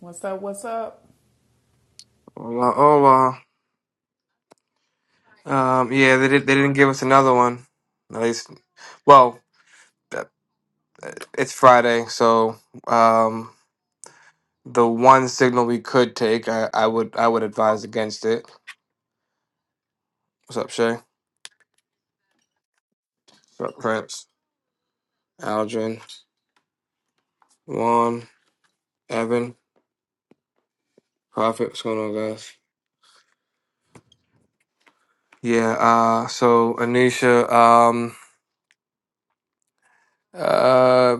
What's up? What's up? Well, oh well. Um, yeah, they did. They didn't give us another one. At least, well, that- it's Friday, so um, the one signal we could take, I, I would, I would advise against it. What's up, Shay? What's up, Prince? Aldrin, Juan, Evan, Prophet. What's going on, guys? Yeah. Uh, so Anisha, um, uh,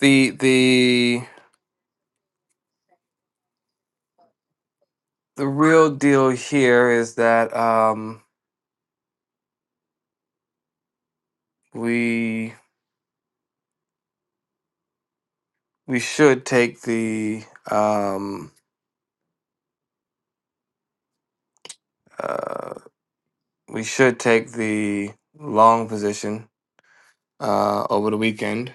the the the real deal here is that um we we should take the um uh we should take the long position uh over the weekend.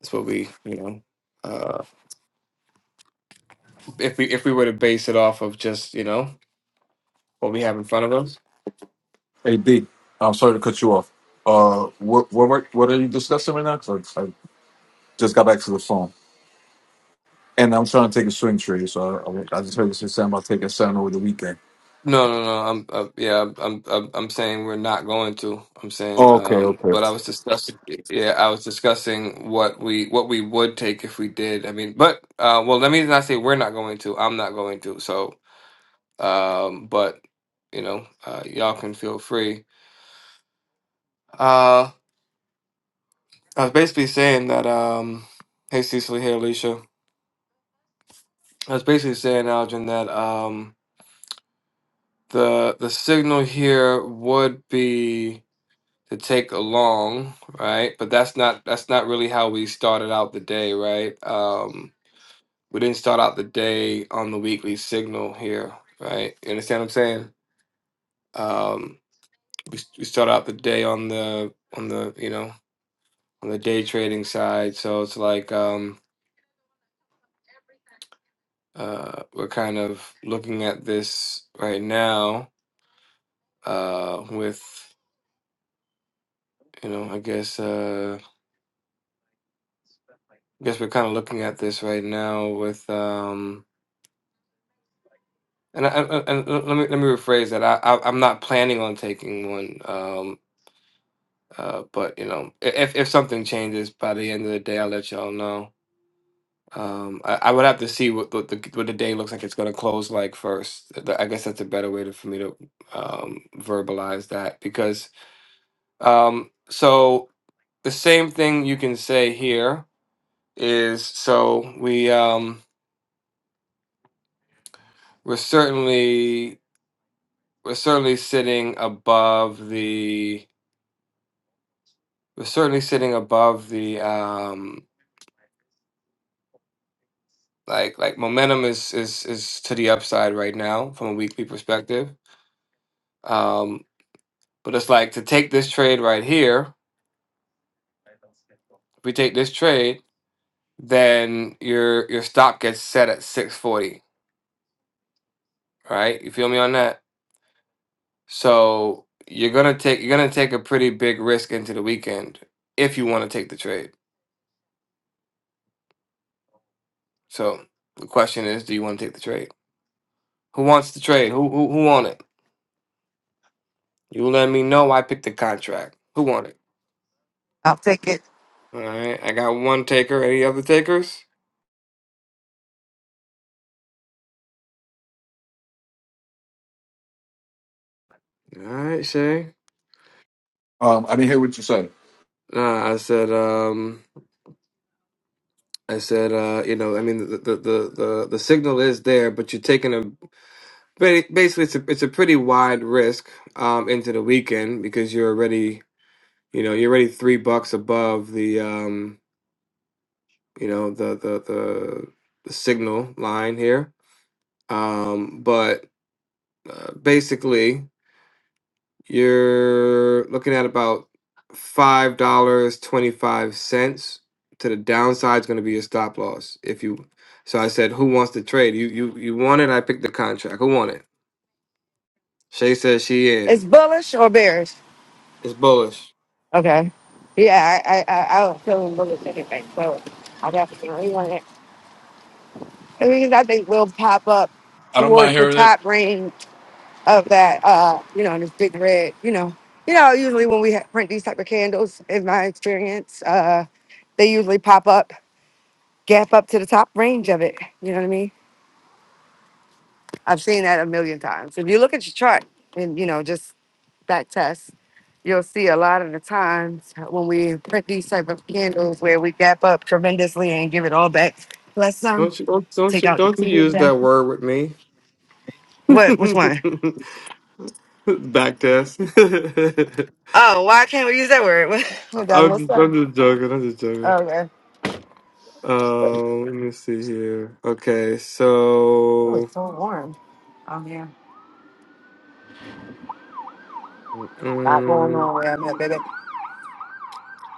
That's what we you know uh if we if we were to base it off of just you know what we have in front of us. Hey B, I'm sorry to cut you off. Uh, what what were- what are you discussing right now? Because I, I just got back to the phone, and I'm trying to take a swing trade. So I, I, I just heard you say something about taking a sound over the weekend. No, no, no. I'm uh, yeah. I'm I'm I'm saying we're not going to. I'm saying Oh, okay, um. okay. But I was discussing. Yeah, I was discussing what we what we would take if we did. I mean, but uh. Well, let me not say we're not going to. I'm not going to. So Um, but you know, uh, y'all can feel free. Uh, I was basically saying that. Um, hey, Cecily. Hey, Alicia. I was basically saying, Algin, that um, the the signal here would be to take along, right? But that's not that's not really how we started out the day, right? Um, we didn't start out the day on the weekly signal here, right? You understand what I'm saying? Um, we we start out the day on the on the you know on the day trading side. So it's like um, uh, we're kind of looking at this right now uh, with, you know, I guess uh, I guess we're kind of looking at this right now with, um, and, I, I- and let me let me rephrase that. I, I I'm not planning on taking one, um, uh, but you know, i- if if something changes by the end of the day, I'll let y'all know. Um, I, I would have to see what, what the what the day looks like. It's going to close like first. Th- I guess that's a better way to, for me to um, verbalize that because um, so the same thing you can say here is so we um, we're certainly we're certainly sitting above the we're certainly sitting above the um, like like momentum is is is to the upside right now from a weekly perspective. Um, But it's like to take this trade right here, if we take this trade, then your your stop gets set at 640, right? You feel me on that? So you're gonna take you're gonna take a pretty big risk into the weekend if you want to take the trade. So the question is, do you want to take the trade? Who wants the trade? Who who who want it? You let me know. I picked the contract. Who want it? I'll take it. All right, I got one taker. Any other takers? All right, Shay. Um, I didn't hear what you said. Nah, I said um. I said, uh, you know, I mean, the, the the the the signal is there, but you're taking a ba- basically it's a it's a pretty wide risk um, into the weekend because you're already you know you're already three bucks above the um, you know the the the, the signal line here. Um, but uh, basically, You're looking at about five dollars twenty five cents to the downside is going to be your stop loss. If you, so I said, who wants to trade? You you you want it? I picked the contract. Who want it? Shay says she It's in. bullish or bearish? It's bullish. Okay. Yeah, I I I, I don't feel bullish anything, so I definitely want it. The reason I think we'll pop up I don't mind towards the hearing it. top range of that, uh, you know, this big red, you know, you know, usually when we ha- print these type of candles, in my experience, uh, they usually pop up, gap up to the top range of it. You know what I mean? I've seen that a million times. If you look at your chart and you know just that test, you'll see a lot of the times when we print these type of candles where we gap up tremendously and give it all back. Plus some Don't you don't don't take you, out the don't you previous use one. that word with me? What? Which one? Back test. Oh, why can't we use that word? What what did I I'm miss just, that? I'm just joking. I'm just joking. Okay. Um, let me see here. Okay, Oh, so. it's so warm. Oh yeah. Not going mm, on where I'm at, baby.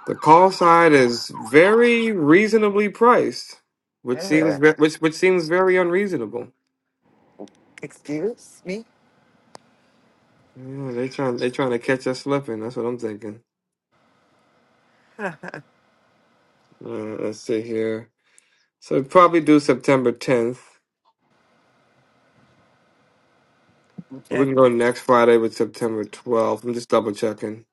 The call side is very reasonably priced, which seems Uh, ve- which which seems very unreasonable. Excuse me? Yeah, they trying they trying to catch us slipping. That's what I'm thinking. Uh, let's see here. So we probably do September 10th, or we Okay. can go next Friday with September 12th. I'm just double checking.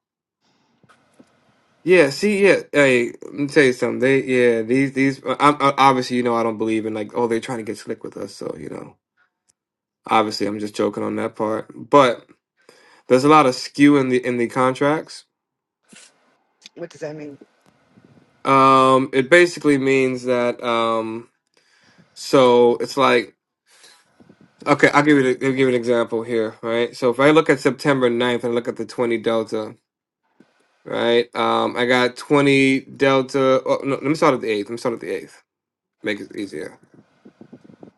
Yeah, see, yeah, hey, let me tell you something. They, yeah, these, these. uh, I'm, I, obviously, you know, I don't believe in like, oh, they're trying to get slick with us. So, you know, obviously, I'm just joking on that part. But there's a lot of skew in the in the contracts. What does that mean? Um, it basically means that um, so it's like okay, I'll give you the, I'll give you an example here, right? So if I look at September ninth and look at the 20 delta, right? Um, I got 20 delta. Oh, no, let me start at the 8th. Let me start at the 8th. Make it easier.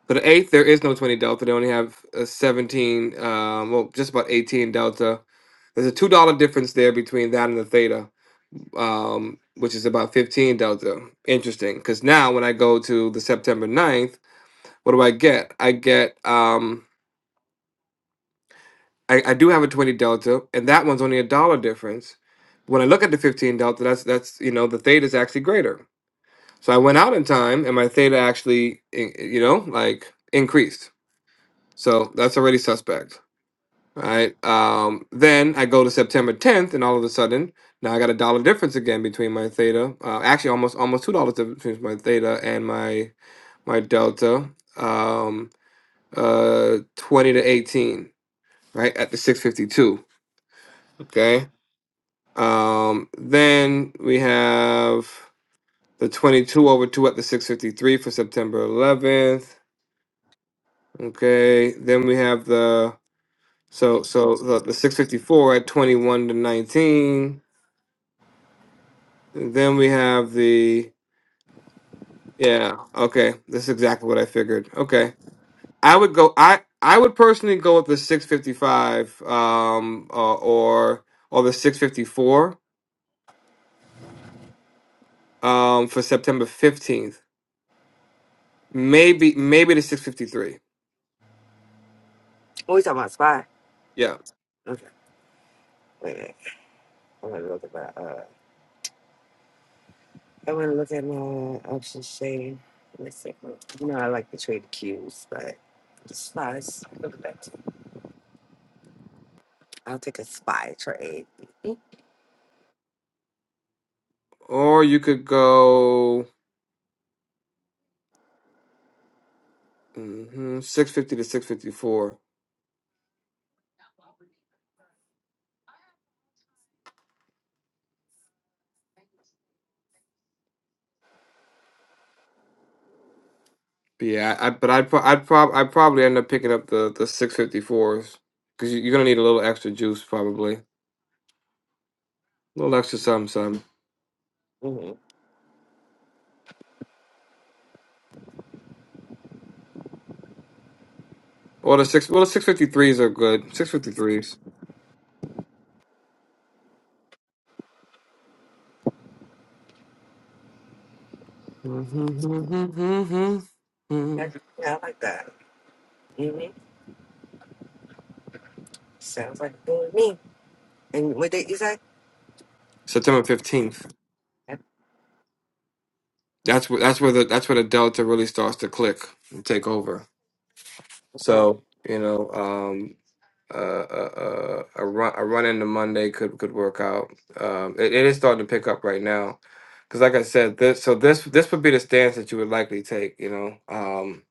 So the 8th, there is no 20 delta. They only have a 17, um, well, just about 18 delta. There's a $2 difference there between that and the theta um, which is about 15 delta. Interesting, because now when I go to the September ninth. What do I get? I get um I, I do have a 20 delta and that one's only a dollar difference. When I look at the 15 delta, that's that's you know, the theta is actually greater. So I went out in time and my theta actually i- you know, like increased. So that's already suspect. All right. Um then I go to September 10th and all of a sudden now I got a dollar difference again between my theta. Uh, actually almost almost two dollars between my theta and my my delta. Um uh 20 to 18 right at the 652 okay um then we have the 22 over 2 at the 653 for september 11th okay then we have the so so the, the 654 at 21 to 19 And then we have the yeah okay this is exactly what i figured okay i would go i i would personally go with the 655 um uh, or or the 654 um for september 15th Maybe maybe to 653. Oh, we talking about spy. Yeah. Okay. Wait a minute. I'm gonna look at that. uh, I want to look at my option shade. Let's see. You know, I like to trade cues, but the spies. Look at that. I'll take a spy trade. Or you could go mhm, 650 to 654. yeah, I, I- but I'd pro- I'd prob I'd probably end up picking up the the 654s cuz you, you're going to need a little extra juice probably. A little extra some some. Mm-hmm. Or the 6 well the 653s are good. 653s. Yeah, yeah, I like that. Mm-hmm. Sounds like doing me. And what did you say? September 15th. That's where that's where the that's where the delta really starts to click and take over. Okay. So, you know, um, uh, uh, uh, a run a run into Monday could could work out. Um, it, it is starting to pick up right now, because like I said, this so this this would be the stance that you would likely take, you know, um,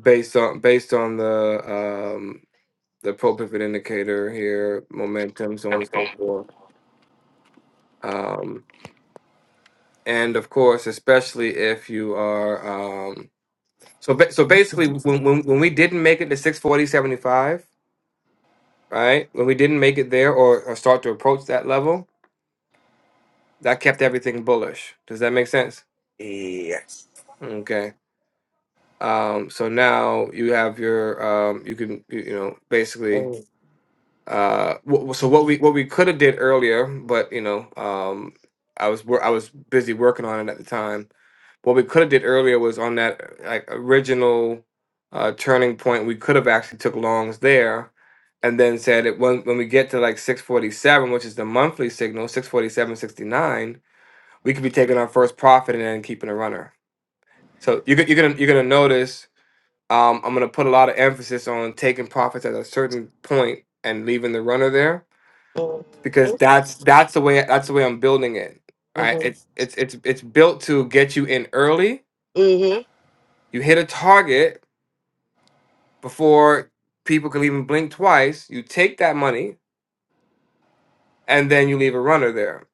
based on based on the um, the pro pivot indicator here, momentum, so on and so forth, um, and of course, especially if you are um, so ba- so basically when, when when we didn't make it to six forty seventy five. Right when we didn't make it there, or, or start to approach that level, that kept everything bullish. Does that make sense? Yes. Okay. Um, so now you have your um, you can you, you know basically Oh. uh, w- so what we what we could have did earlier, but you know um, I was wor- I was busy working on it at the time. What we could have did earlier was on that like original uh, turning point. We could have actually took longs there. And then said it when when we get to like 647, which is the monthly signal, six forty seven sixty nine, we could be taking our first profit and then keeping a runner. So you're, go- you're gonna you're gonna notice um, I'm gonna put a lot of emphasis on taking profits at a certain point and leaving the runner there because that's that's the way that's the way I'm building it. Right? Mm-hmm. It's it's it's it's built to get you in early. Mm-hmm. You hit a target before people can even blink twice. You take that money and then you leave a runner there.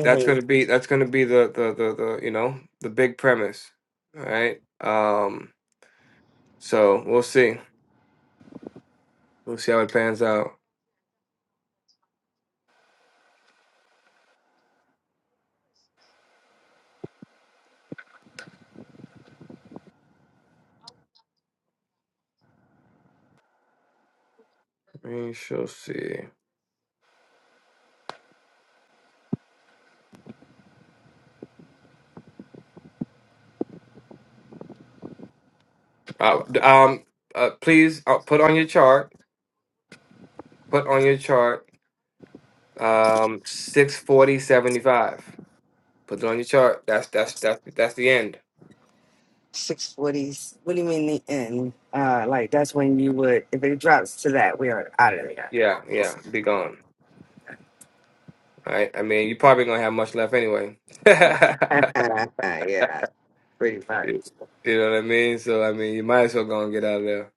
That's gonna be that's gonna be the the the, the you know the big premise. All right. Um, so we'll see. We'll see how it pans out. We shall see. Uh, d- um, uh, please uh, put on your chart. Put on your chart. Um, six forty seventy five. Put it on your chart. That's that's that's that's the end. Six forties. What do you mean the end? Uh, like that's when you would. If it drops to that, we are out of Yeah, yeah. Be gone. All right. I mean, you probably gonna have much left anyway. you there. yeah, pretty much. know what I mean? So I mean, you might as well go and get out of there.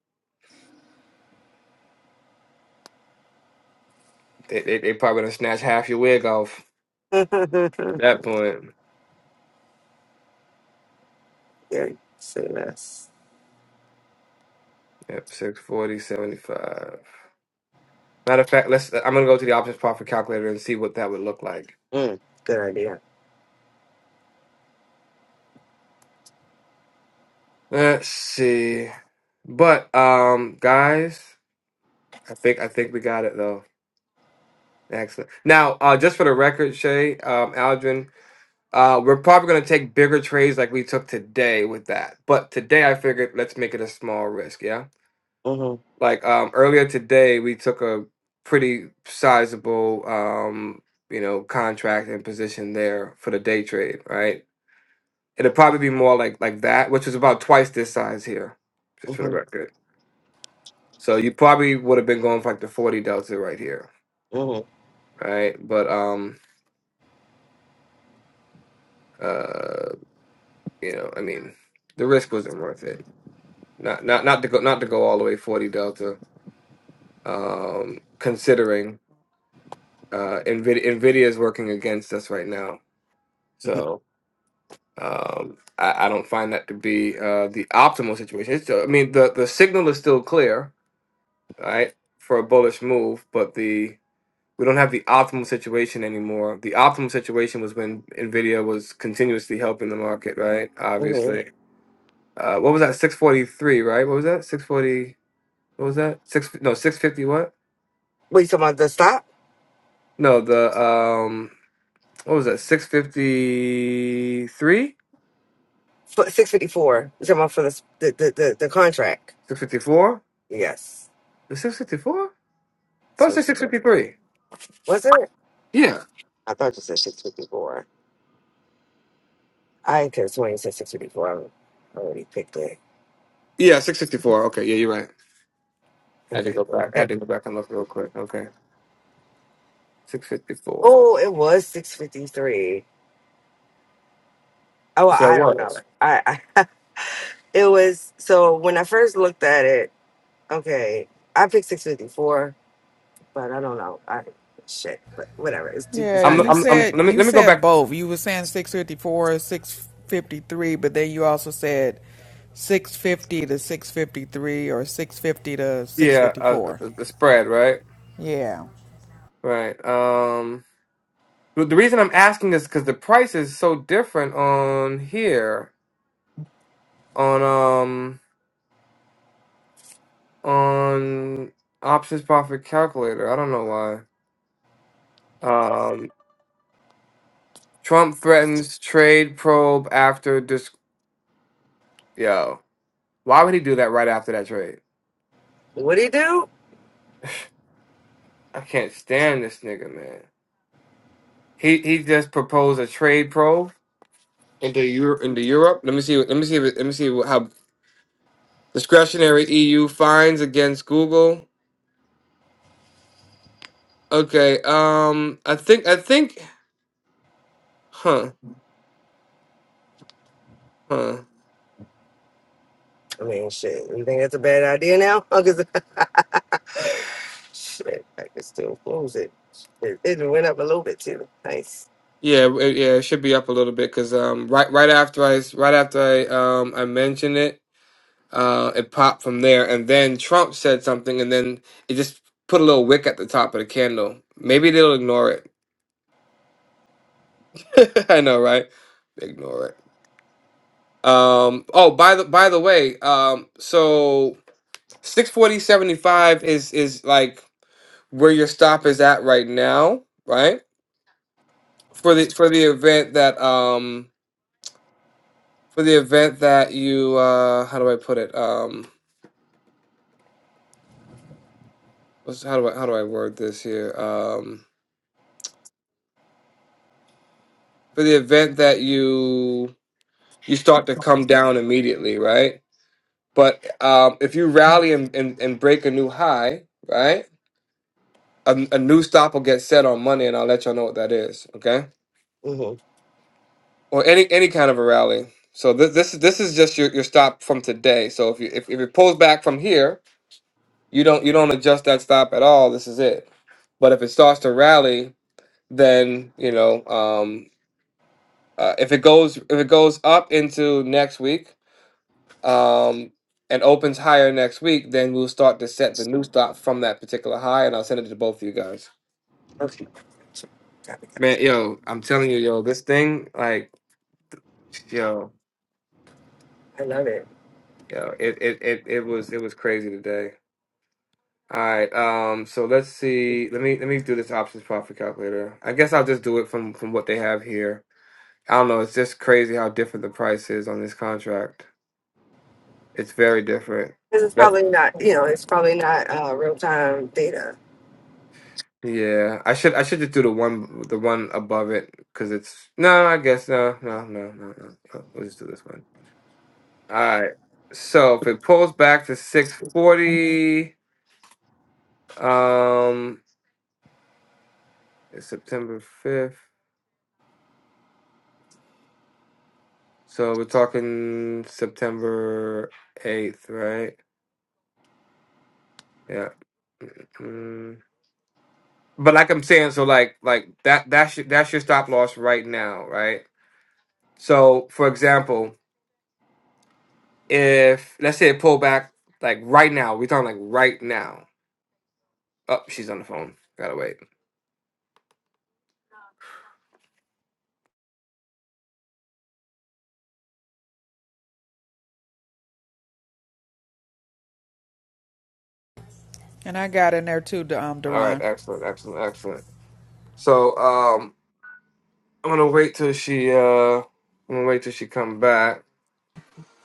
They they, they probably gonna snatch half your wig off at that point. Yeah, say less. Yep, six forty seventy five. Matter of fact, let's. I'm gonna go to the options profit calculator and see what that would look like. Mm, good idea. Let's see. But um guys, I think I think we got it though. Excellent. Now, uh just for the record, Shay, um Aldrin, uh we're probably gonna take bigger trades like we took today with that. But today I figured let's make it a small risk, yeah? Mm-hmm. Like um earlier today we took a pretty sizable um you know contract and position there for the day trade, right? It'll probably be more like like that, which is about twice this size here, just for the Mm-hmm. record. So you probably would have been going for like the 40 delta right here, Mm-hmm. right? But um uh you know, I mean, the risk wasn't worth it. Not not not to go not to go all the way 40 delta um considering uh Nvidia Nvidia is working against us right now. So um I, I don't find that to be uh the optimal situation. It's, I mean, the the signal is still clear, right? For a bullish move, but the we don't have the optimal situation anymore. The optimal situation was when Nvidia was continuously helping the market, right? Mm-hmm. Obviously. Uh, what was that? Six forty three, right? What was that? Six forty. What was that? Six. No, six fifty. What? What you talking about? The stop? No, the um. What was that? Six fifty three. Six fifty four. You talking about for the s- the the, the, the contract? Six fifty four. Yes. The six fifty four. That's Thought it what said she six said. fifty three. Was it? Yeah. I thought you said six fifty four. I didn't care. So When you said six fifty four, I already picked it. Yeah. Six sixty four. Okay. Yeah, you're right. I had to Okay. go back. I okay. had to go back and look real quick. Okay. Six fifty four. Oh, it was six fifty three. Oh, well, So it I don't know. was. I, I it was so when I first looked at it. Okay, I picked six fifty four but I don't know. I shit, but whatever. It's too, Yeah, it's I'm, not you I'm, next. I'm, said let me you let me go said back both. You were saying 654, 653, but then you also said 650 to 653 or 650 to Yeah, uh, 654. uh, the spread, right? Yeah. Right. Um, the the reason I'm asking is because the price is so different on here on um on options profit calculator. I don't know why. Um, Trump threatens trade probe after dis. Yo, why would he do that right after that trade? What do you do? I can't stand this nigga, man. He he just proposed a trade probe into Europe into Europe. Let me see. Let me see. if it- Let me see how Discretionary EU fines against Google. Okay. Um. I think. I think. Huh. Huh. I mean, shit. You think that's a bad idea now? 'Cause- shit, I can still close it. It, it went up a little bit too. Nice. Yeah. w- Yeah. It should be up a little bit because um. Right. Right after I. s- Right after I. Um. I mentioned it. Uh. It popped from there, and then Trump said something, and then it just put a little wick at the top of the candle. Maybe they'll ignore it. I know, right? Ignore it. Um. Oh. By the. By the way. Um. So. Six forty seventy five is is like. where your stop is at right now, right? For the for the event that um for the event that you uh how do I put it? Um what's, how do I how do I word this here? Um for the event that you you start to come down immediately, right? But um if you rally and, and, and break a new high, right? A, a new stop will get set on Monday and I'll let y'all know what that is, okay? hmm Or any any kind of a rally. So this this this is just your, your stop from today. So if you if, if it pulls back from here, You don't you don't adjust that stop at all. This is it. But if it starts to rally, then you know um, uh, if it goes if it goes up into next week um, and opens higher next week, then we'll start to set the new stop from that particular high, and I'll send it to both of you guys. Okay. Gotcha. Got it, got Man, yo, I'm telling you, yo, this thing, like, yo, it. I love it. yo, it it it, it was it was crazy today. All right, um, so let's see. Let me let me do this options profit calculator. I guess I'll just do it from from what they have here. I don't know. It's just crazy how different the price is on this contract. It's very different. This is That's probably not. You know, it's probably not uh, real time data. yeah. I should I should just do the one the one above it because it's no. no, I guess no no no no no. no. We'll just do this one. All right. So if it pulls back to six forty, um, it's September fifth. So we're talking September eighth, right? Yeah. mm, mm, mm. but like I'm saying, so like like that that's your, that's your stop loss right now, right? So for example, if let's say it pull back like right now, we're talking like right now. Oh, she's on the phone. Gotta wait. And I got in there too, D- um, All right, Duran. excellent, excellent, excellent. So um, I'm gonna wait till she uh, I'm gonna wait till she come back.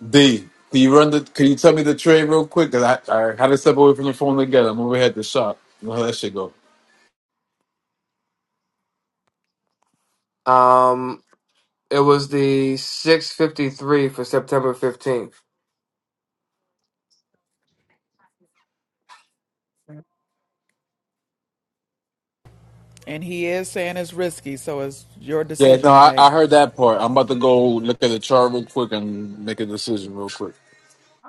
D, can you run the? Can you tell Yep. me the trade real quick? Cause I, I had to step away from the phone again. I'm overhead the shop. You know how that shit go. Um, it was the 6:53 for September 15th. And he is saying it's risky, so it's your Yeah, no, decision to I, make. I heard that part. I'm about to go look at the chart real quick and make a decision real quick.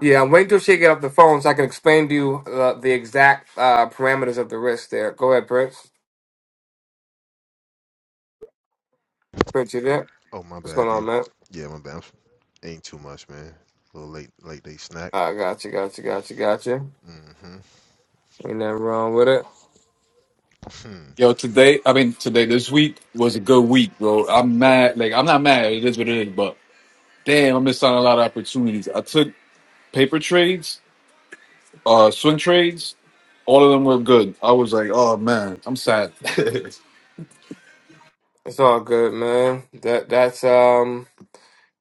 Yeah, I'm waiting till she get off the phone so I can explain to you uh, the exact uh, parameters of the risk there. Go ahead, Prince. Prince, you there? Oh, my What's going bad, on, dude. man? Yeah, my bad. Ain't too much, man. A little late, late day snack. I got you, got you, got you, got you. Mm-hmm. Ain't nothing wrong with it. Yo, today, I mean, today, this week was a good week, bro. I'm mad. Like, I'm not mad. It is what it is, but damn, I missed out on a lot of opportunities. I took paper trades, uh, swing trades. All of them were good. I was like, oh man, I'm sad. It's all good, man. That that's um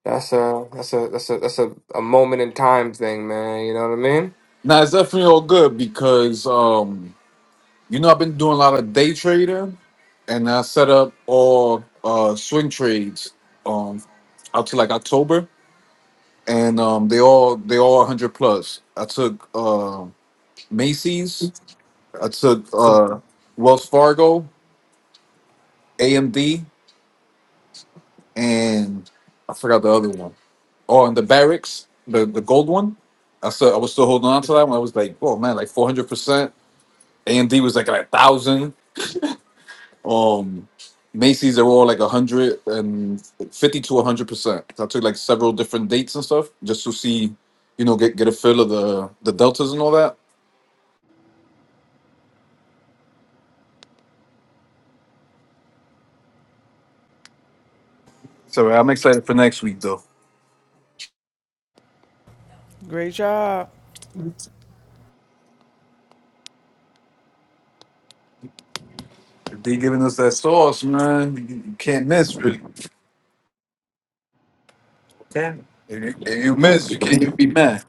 that's a that's a that's a that's a, a moment in time thing, man. You know what I mean? now, it's definitely all good because, um, you know, I've been doing a lot of day trading and I set up all, uh, swing trades, um, out to like October and, um, they all, they all 100 plus. I took, uh, Macy's. I took uh, Wells Fargo, AMD, and I forgot the other one. Oh, and the Barracks, the, the gold one. I still I was still holding on to that one. I was like, oh man, like four hundred percent. AMD was like a thousand. Um, Macy's they were all like a hundred and fifty to a hundred percent. So I took like several different dates and stuff just to see, you know, get get a feel of the the deltas and all that. So I'm excited for next week though. Great job. If they giving us that sauce, man, you you can't miss. really. Okay. If you, if you miss, you can't even be mad.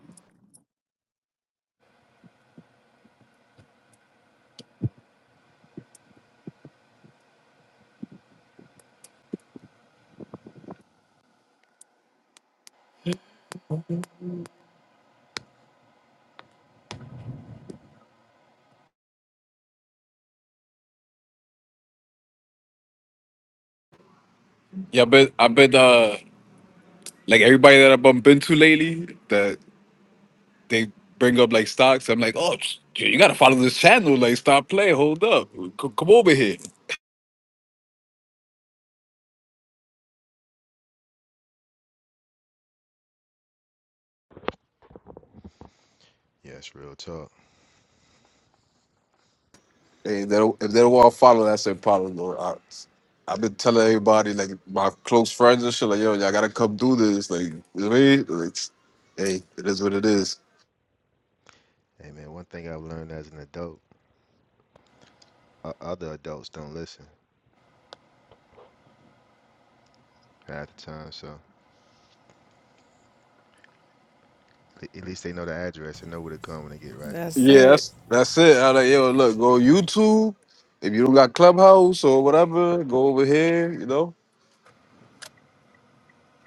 Yeah, I bet I bet uh like everybody that I bump into lately that they bring up like stocks. I'm like, oh, sh- you gotta follow this channel. Like, stop playing. Hold up, C- come over here. Yes, real talk. Hey, they don't, if they don't want to follow, that's their problem. Though. I, I've been telling everybody, like my close friends and shit, like, yo, y'all gotta come do this. Like, you know what I mean? Like, hey, it is what it is. Hey, man, one thing I've learned as an adult, uh, other adults don't listen half the time, so le- at least they know the address and know where to come when they get right. That's Yeah, it. that's that's it. I like, yo, look, go YouTube. If you don't got Clubhouse or whatever, go over here. You know,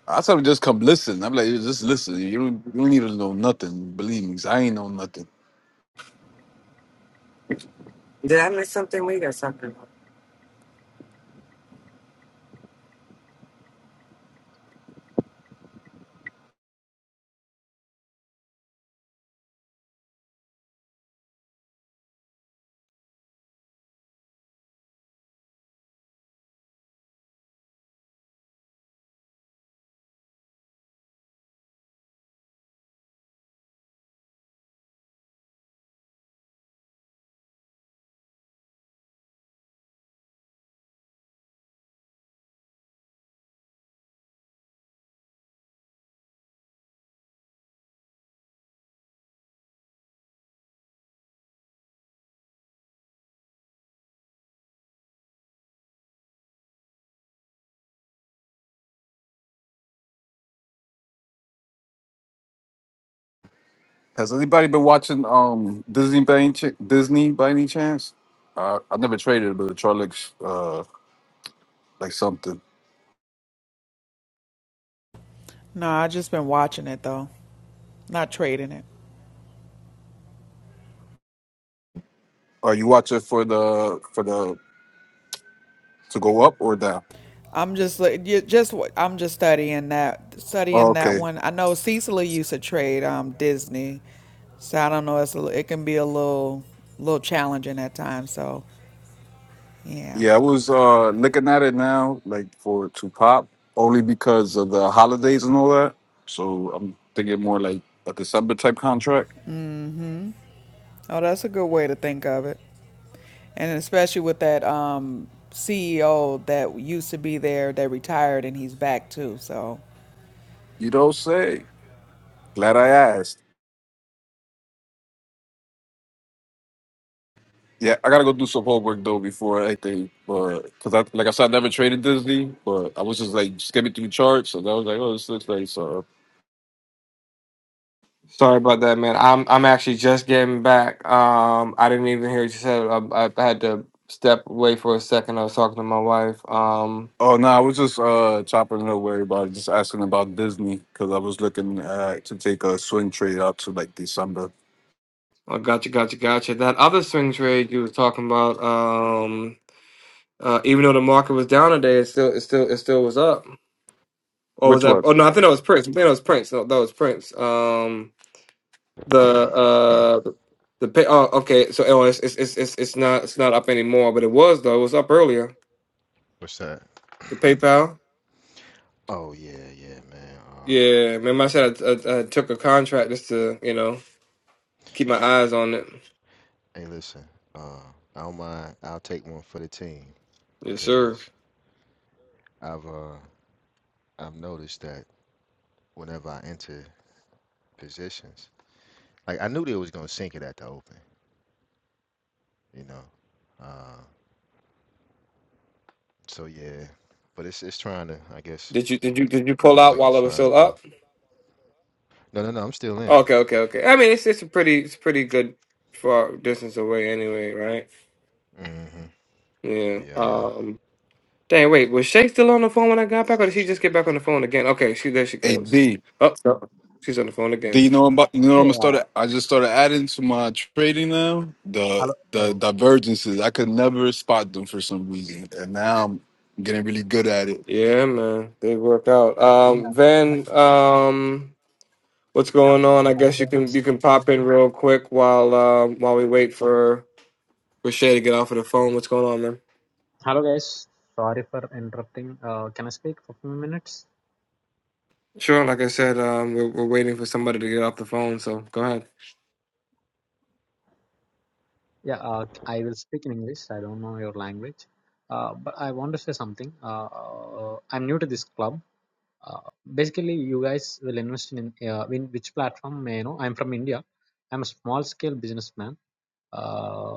I tell them just come listen. I'm like, just listen. You don't you don't need to know nothing. Believe me, 'cause I ain't know nothing. Did I miss something? We got something. Has anybody been watching um Disney by any ch- Disney by any chance? Uh, I never traded, but it looks uh like something. No, I just been watching it though, not trading it. Are you watching for the for the to go up or down? I'm just li- you- just w- I'm just studying that Oh, studying that okay. one. I know Cecily used to trade um Disney, so I don't know. It's a, li- it can be a little little challenging at times. So yeah. Yeah, I was uh, looking at it now, like for it to pop, only because of the holidays and all that. So I'm thinking more like a December type contract. Mhm. Oh, that's a good way to think of it, and especially with that um CEO that used to be there that retired and he's back too. So You don't say. Glad I asked. Yeah, I gotta go do some homework though before anything, but because I, like I said, I never traded Disney, but I was just like skimming through charts, and I was like, oh, this looks like so. Sorry about that, man. I'm I'm actually just getting back. Um, I didn't even hear what you said. I, I had to step away for a second. I was talking to my wife. Um, Oh no, I was just uh chopping it up with everybody, just asking about Disney because I was looking uh, to take a swing trade out to like December. Oh, gotcha, gotcha, gotcha. That other swing trade you were talking about, um, uh, even though the market was down today, it still, it still, it still was up. Or was Which that? one? Oh no, I think that was Prince. I think that was Prince. No, that was Prince. Um, the uh, the, the pay. Oh, okay. So oh, it's, it's it's it's it's not it's not up anymore, but it was though. It was up earlier. What's that? The PayPal. Oh, yeah, yeah, man. Uh, Yeah, remember I said I, I, I took a contract just to you know keep my eyes on it. hey, listen. Uh, I don't mind. I'll take one for the team Yes, sir. because I've uh, I've noticed that whenever I enter positions, like I knew they was gonna sink it at the open. you know. Uh, so yeah, but it's it's trying to, I guess, Did you did you did you pull looks out like while it's it was trying to still up? recover. No, no, no, I'm still in. Okay, okay, okay. I mean, it's it's a pretty it's pretty good far distance away anyway, right? hmm Yeah. Yeah, Um. Dang, wait, was Shay still on the phone when I got back, or did she just get back on the phone again? Okay, she there she goes. AD. Oh, no, she's on the phone Do again. you know about you know what I'm Hey, gonna start? uh, I just started adding to my trading now. hello. The the Uh, divergences I could never spot them for some reason, and now I'm getting really good at it. Yeah, man, they work out. yeah, Um, Van, um, what's hi- going on? I hello guess you guys. can you can pop in real quick while um while we wait for for Shay to get off of the phone. What's going on, man? Hello guys. Sorry for interrupting. Uh, can I speak for a few minutes? Sure, like I said, um, we're, we're waiting for somebody to get off the phone, so go ahead. Yeah, uh, I will speak in English. I don't know your language, uh, but I want to say something. Uh, uh, I'm new to this club. Uh, basically, you guys will invest in uh, in which platform? May I know? I'm from India. I'm a small scale businessman. Uh,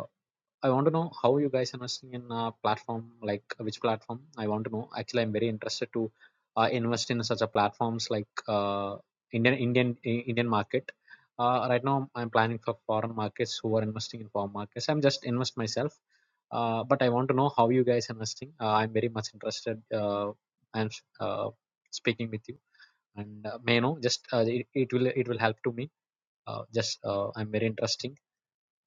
I want to know how you guys investing in a platform, like uh, which platform. I want to know. Actually, I'm very interested to uh, invest in such a platforms like uh, Indian Indian Indian market. Uh, right now, I'm planning for foreign markets who are investing in foreign markets. I'm just invest myself, uh, but I want to know how you guys investing. Uh, I'm very much interested. Uh, I'm uh, speaking with you, and uh, may know just uh, it, it will it will help to me. Uh, just uh, I'm very interesting.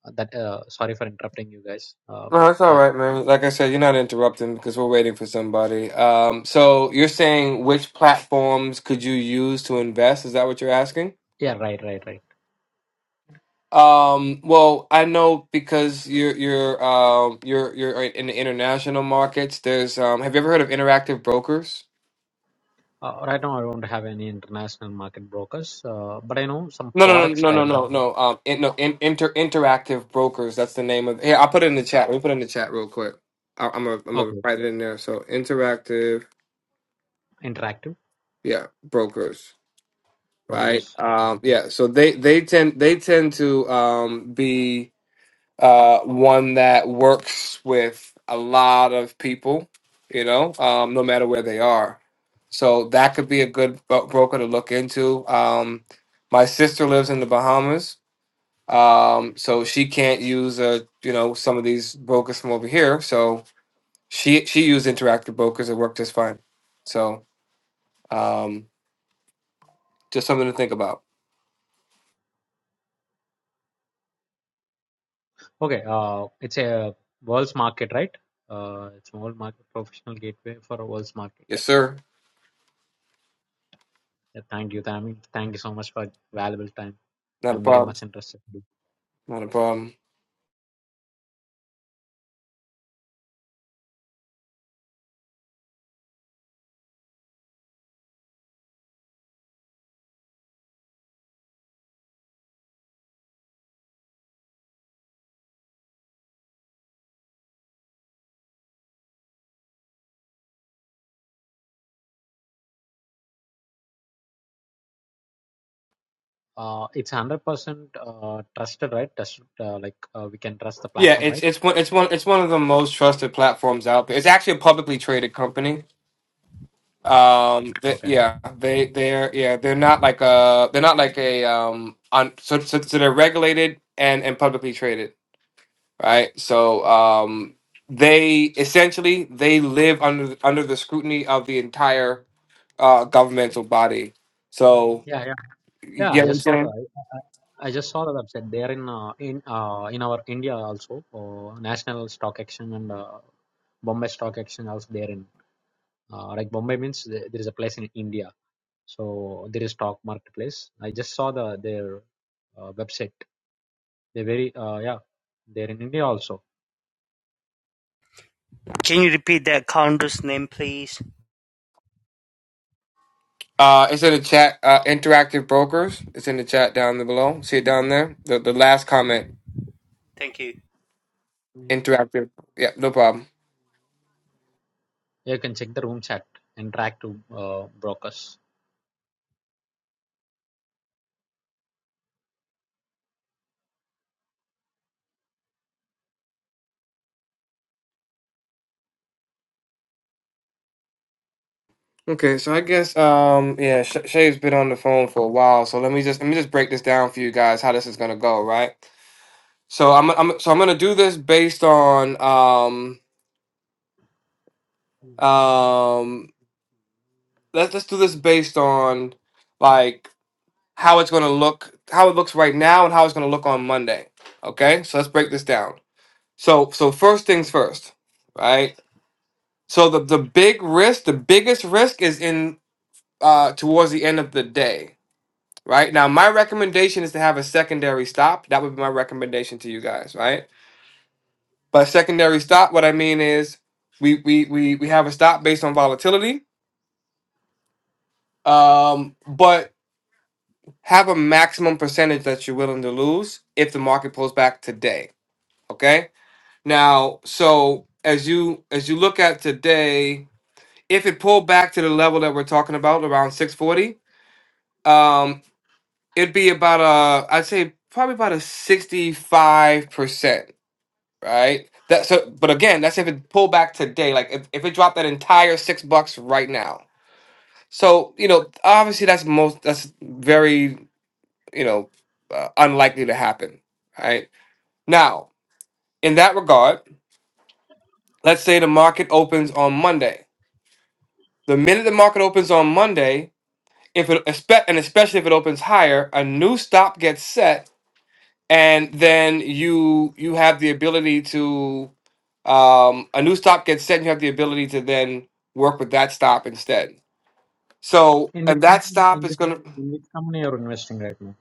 Uh, that uh, sorry for interrupting you guys, uh, but. No, it's yeah. all right, man. Like I said, you're not interrupting because we're waiting for somebody. Um, so you're saying which platforms could you use to invest? Is that what you're asking? Yeah, right, right, right. Um, well, I know because you're you're um you're you're in the international markets. There's um, have you ever heard of interactive brokers? Uh, right now, I don't have any international market brokers, uh, but I know some No, no, no, forex no, no, trading. no, no. Um, in, no, in, inter interactive brokers. That's the name of. Here, I'll put it in the chat. Let me put it in the chat real quick. I, I'm gonna I'm gonna Okay, write it in there. So interactive, interactive yeah, brokers. right? progress. Okay, Um, yeah, so they they tend they tend to um, be uh, one that works with a lot of people, you know, um, no matter where they are. So that could be a good bro- broker to look into. Um, my sister lives in the Bahamas, um, so she can't use uh you know some of these brokers from over here. So she she used interactive brokers and worked just fine. So um, just something to think about. okay. Uh, it's a world's market, right? Uh, it's a world market professional gateway for a world's market. Yes, sir. Yeah, thank you, Tammy. Thank you so much for valuable time. Not a I'm very problem. much interested. Not a problem. Uh, it's hundred percent uh, trusted, right? Trusted, uh, like uh, we can trust the Yeah, platform, it's right? it's one it's one it's one of the most trusted platforms out there. It's actually a publicly traded company. Um, th Okay. yeah, they they're yeah they're not like a they're not like a um on so so, so they're regulated and and publicly traded, right? So um they essentially they live under the- under the scrutiny of the entire uh governmental body. So Yeah, yeah. you Yeah, I get what I'm just saw saying? the I I I just saw the website. They're in uh, in uh, in our India also. Uh, National Stock Exchange and uh, Bombay Stock Exchange also they're in. Uh, like Bombay means there there is a place in India, so there is stock marketplace. I just saw the their uh, website. they very uh, yeah, they're in India also. Can you repeat that counter's name, please? Uh, it's in the chat. Uh, interactive brokers. It's in the chat down there below. See it down there. The the last comment. Thank you. Interactive. Yeah, no problem. You can check the room chat and track to uh, brokers. Okay, so I guess um yeah, Sh- Shay's been on the phone for a while, so let me just let me just break this down for you guys how this is gonna go, right? So I'm I'm so I'm gonna do this based on um um let's let's do this based on like how it's gonna look, how it looks right now, and how it's gonna look on Monday. Okay, so let's break this down. So so first things first, right? So the the big risk, the biggest risk is in uh towards the end of the day, right? Now my recommendation is to have a secondary stop. That would be my recommendation to you guys, right? By secondary stop, what I mean is we we we we have a stop based on volatility. Um, but have a maximum percentage that you're willing to lose if the market pulls back today. Okay? Now, so as you as you look at today, if it pulled back to the level that we're talking about around 640 um it'd be about a i'd say probably about a 65% right that so but again that's if it pulled back today like if, if it dropped that entire six bucks right now so you know obviously that's most that's very you know uh, unlikely to happen right now in that regard let's say the market opens on monday the minute the market opens on monday if it espe- and especially if it opens higher, a new stop gets set, and then you you have the ability to um, a new stop gets set, and you have the ability to then work with that stop instead. So In which and that com- in stop is which gonna in which company you're investing right now?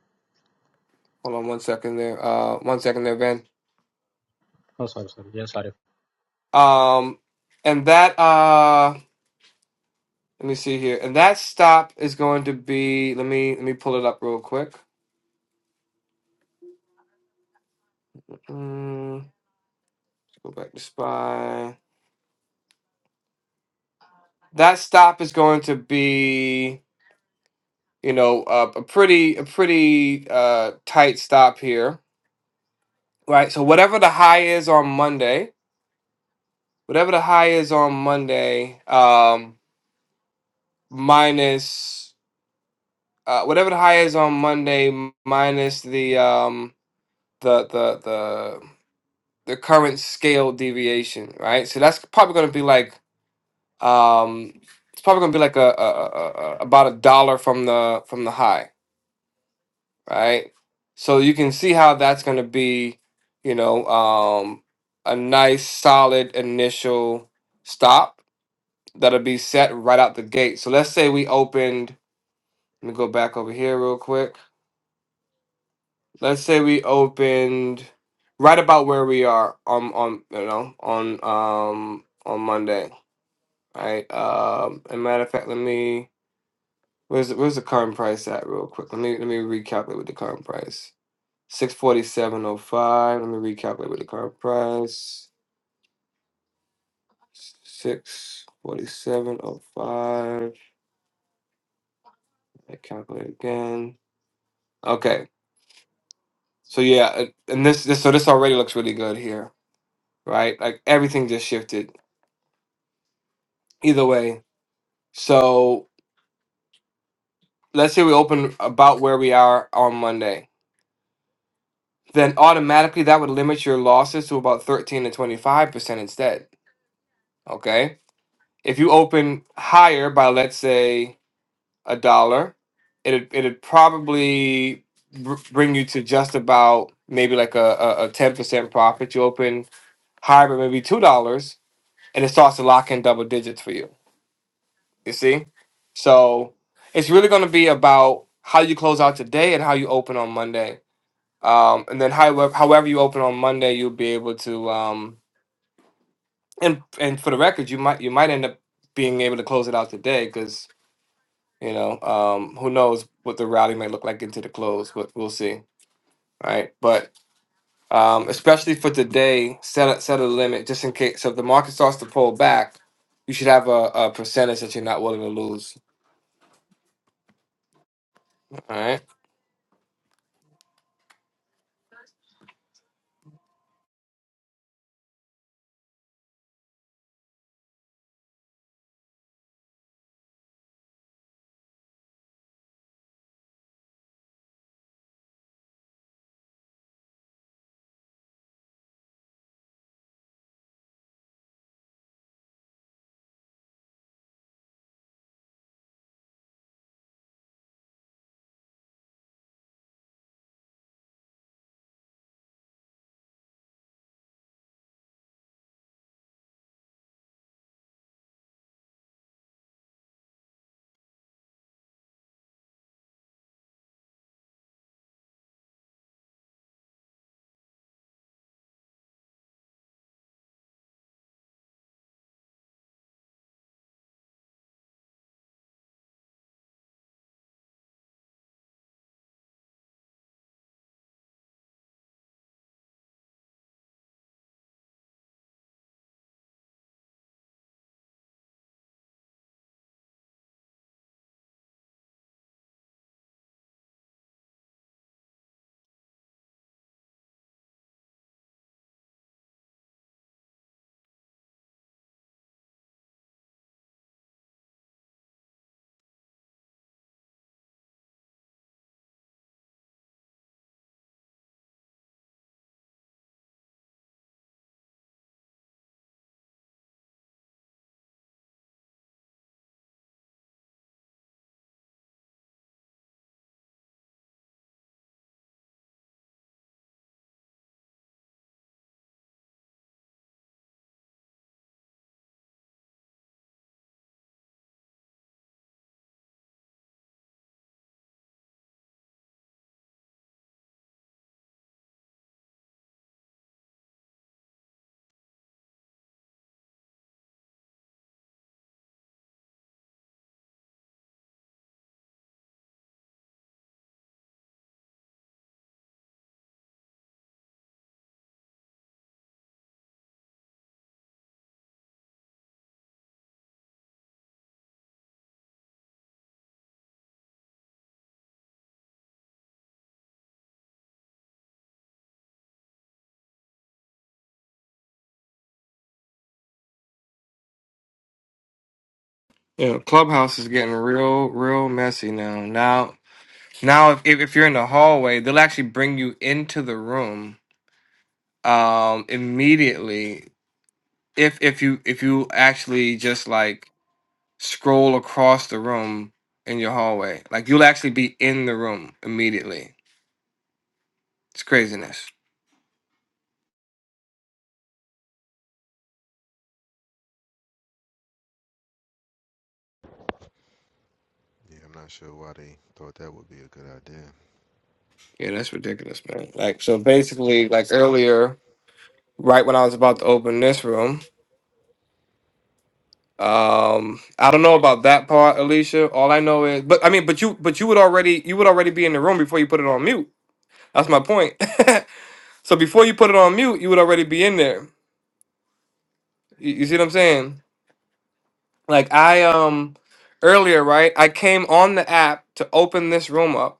hold on one second there, uh, one second there, Ben. Oh sorry sorry yeah sorry. Um, and that uh, let me see here, and that stop is going to be let me let me pull it up real quick. Mm, go back to spy. That stop is going to be you know, uh, a pretty a pretty uh, tight stop here, right? So whatever the high is on Monday, whatever the high is on Monday, um, minus uh, whatever the high is on Monday m- minus the um, the the the the current scale deviation, right? So that's probably going to be like um, it's probably going to be like a, a, a, a about a dollar from the from the high right? So you can see how that's going to be, you know, um, a nice solid initial stop that'll be set right out the gate. So let's say we opened, let me go back over here real quick. Let's say we opened right about where we are on on you know on um on Monday, right? Um, and matter of fact, let me where's where's the current price at real quick? Let me let me recalculate with the current price. Six forty seven oh five. Let me recalculate with the current price. Six forty seven oh five. I calculate again. Okay. So yeah, uh, and this, this so this already looks really good here, right? Like everything just shifted. Either way, so let's say we open about where we are on Monday. Then automatically that would limit your losses to about thirteen to twenty five percent instead. Okay. If you open higher by let's say a dollar, it'd it'd probably br- bring you to just about maybe like a a a ten percent profit. You open higher, but maybe two dollars, and it starts to lock in double digits for you. You see, so it's really going to be about how you close out today and how you open on Monday. Um, and then however however you open on Monday, you'll be able to um and and for the record, you might you might end up being able to close it out today because. You know, um, who knows what the rally may look like into the close, but we'll see. Right. But um, especially for today, set a, set a limit just in case. So if the market starts to pull back, you should have a, a percentage that you're not willing to lose. All right. You know, Clubhouse is getting real, real messy now. Now, now if, if if you're in the hallway, they'll actually bring you into the room um, immediately if if you if you actually just like scroll across the room in your hallway. Like you'll actually be in the room immediately. It's craziness. yeah, I'm not sure why they thought that would be a good idea. Yeah, that's ridiculous, man. Like so basically like earlier, right when I was about to open this room, um I don't know about that part, Alicia. All I know is but I mean but you but you would already you would already be in the room before you put it on mute. That's my point. so before you put it on mute, you would already be in there. You, you see what I'm saying? Like I um earlier, right? I came on the app to open this room up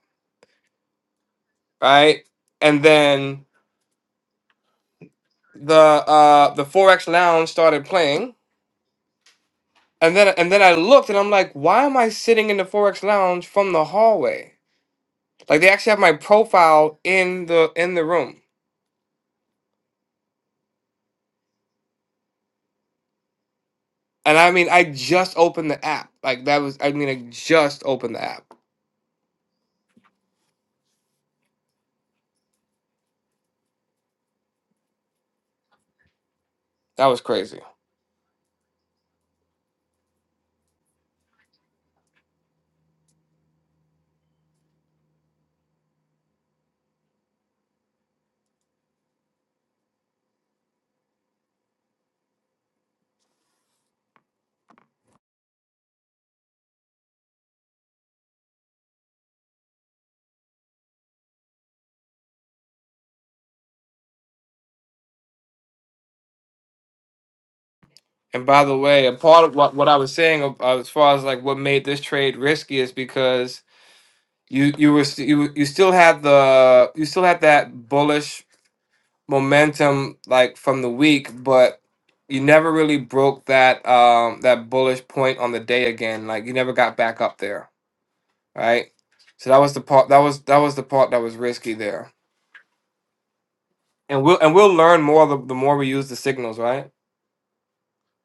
right? And then the uh the Forex Lounge started playing. And then and then I looked and I'm like, why am I sitting in the Forex Lounge from the hallway? Like they actually have my profile in the in the room. And I mean I just opened the app. Like that was I mean I just opened the app. That was crazy. And by the way, a part of what, what I was saying uh, uh, as far as like what made this trade risky is because you you were st- you you still had the you still had that bullish momentum like from the week, but you never really broke that um that bullish point on the day again. Like you never got back up there, right? So that was the part that was that was the part that was risky there. And we'll and we'll learn more the, the more we use the signals, right?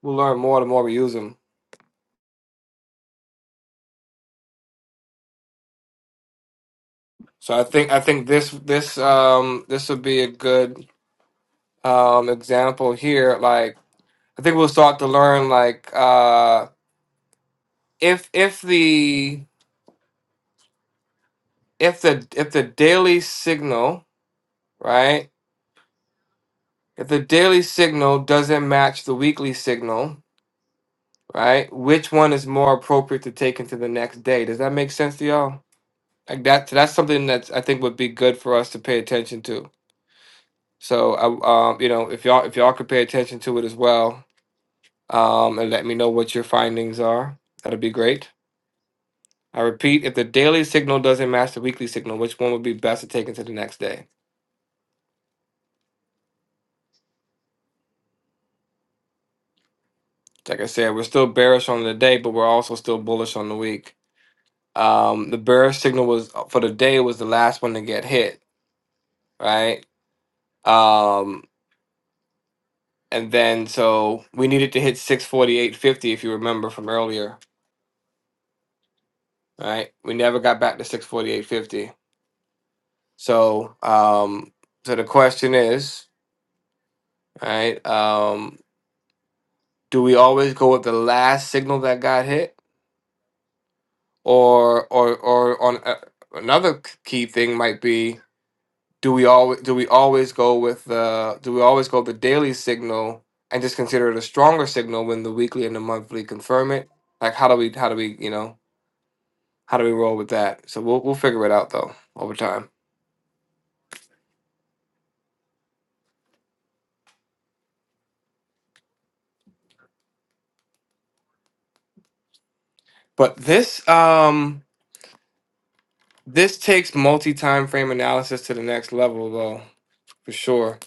We'll learn more the more we use them. So I think I think this this um this would be a good um example here. Like I think we'll start to learn like uh if if the if the if the daily signal right? If the daily signal doesn't match the weekly signal, right? Which one is more appropriate to take into the next day? Does that make sense to y'all? Like that, that's something that I think would be good for us to pay attention to. So, I, um, you know, if y'all if y'all could pay attention to it as well, um, and let me know what your findings are, that'd be great. I repeat, if the daily signal doesn't match the weekly signal, which one would be best to take into the next day? Like I said, we're still bearish on the day, but we're also still bullish on the week. Um, the bear signal was for the day was the last one to get hit, right? Um, and then so we needed to hit 648.50 if you remember from earlier, right? We never got back to 648.50. So, um, so the question is, right? Um, do we always go with the last signal that got hit, or or or on uh, another key thing might be do we always do we always go with the do we always go with the daily signal and just consider it a stronger signal when the weekly and the monthly confirm it? Like how do we how do we you know how do we roll with that? So we'll we'll figure it out though over time. But this um this takes multi time frame analysis to the next level though for sure.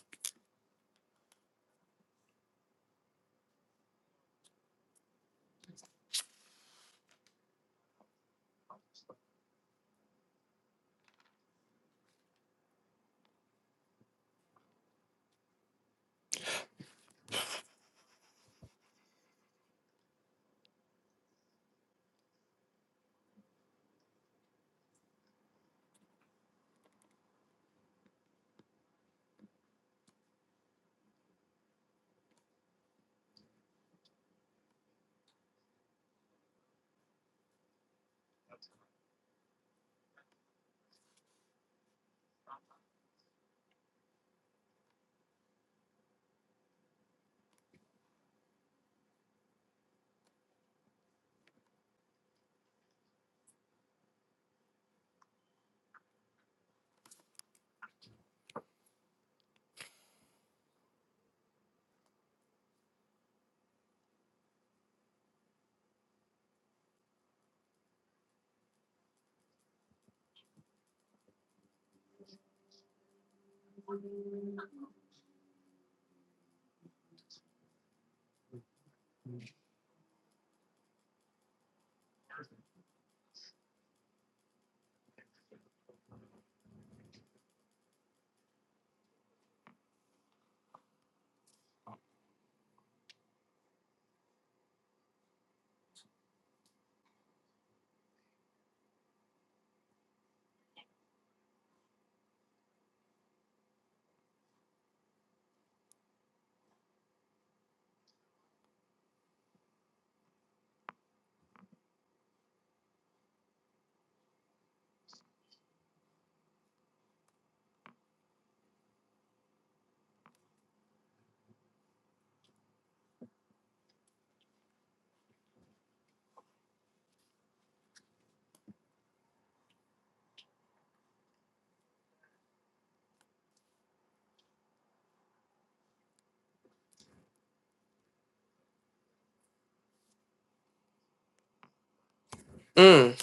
Mm.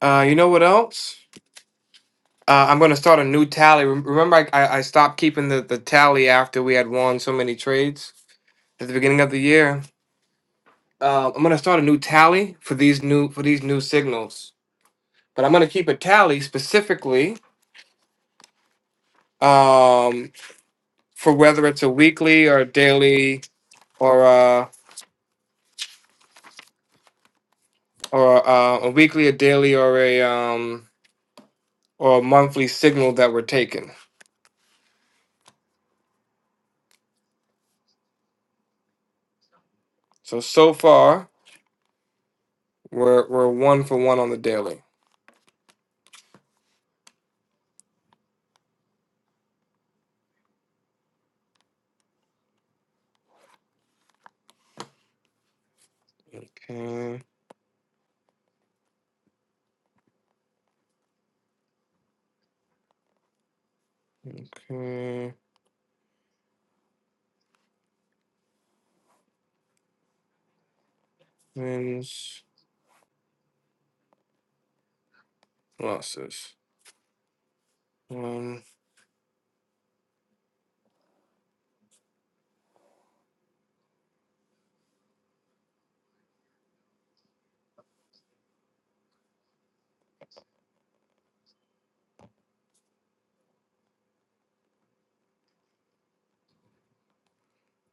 Uh, you know what else? Uh, I'm gonna start a new tally. Rem- Remember, I, I I stopped keeping the, the tally after we had won so many trades at the beginning of the year. uh, I'm gonna start a new tally for these new for these new signals. But I'm gonna keep a tally specifically um, for whether it's a weekly or a daily or a, or uh a weekly, a daily, or a um, or a monthly signal that we're taking. So so far we're we're one for one on the daily. Okay, okay, wins, losses. One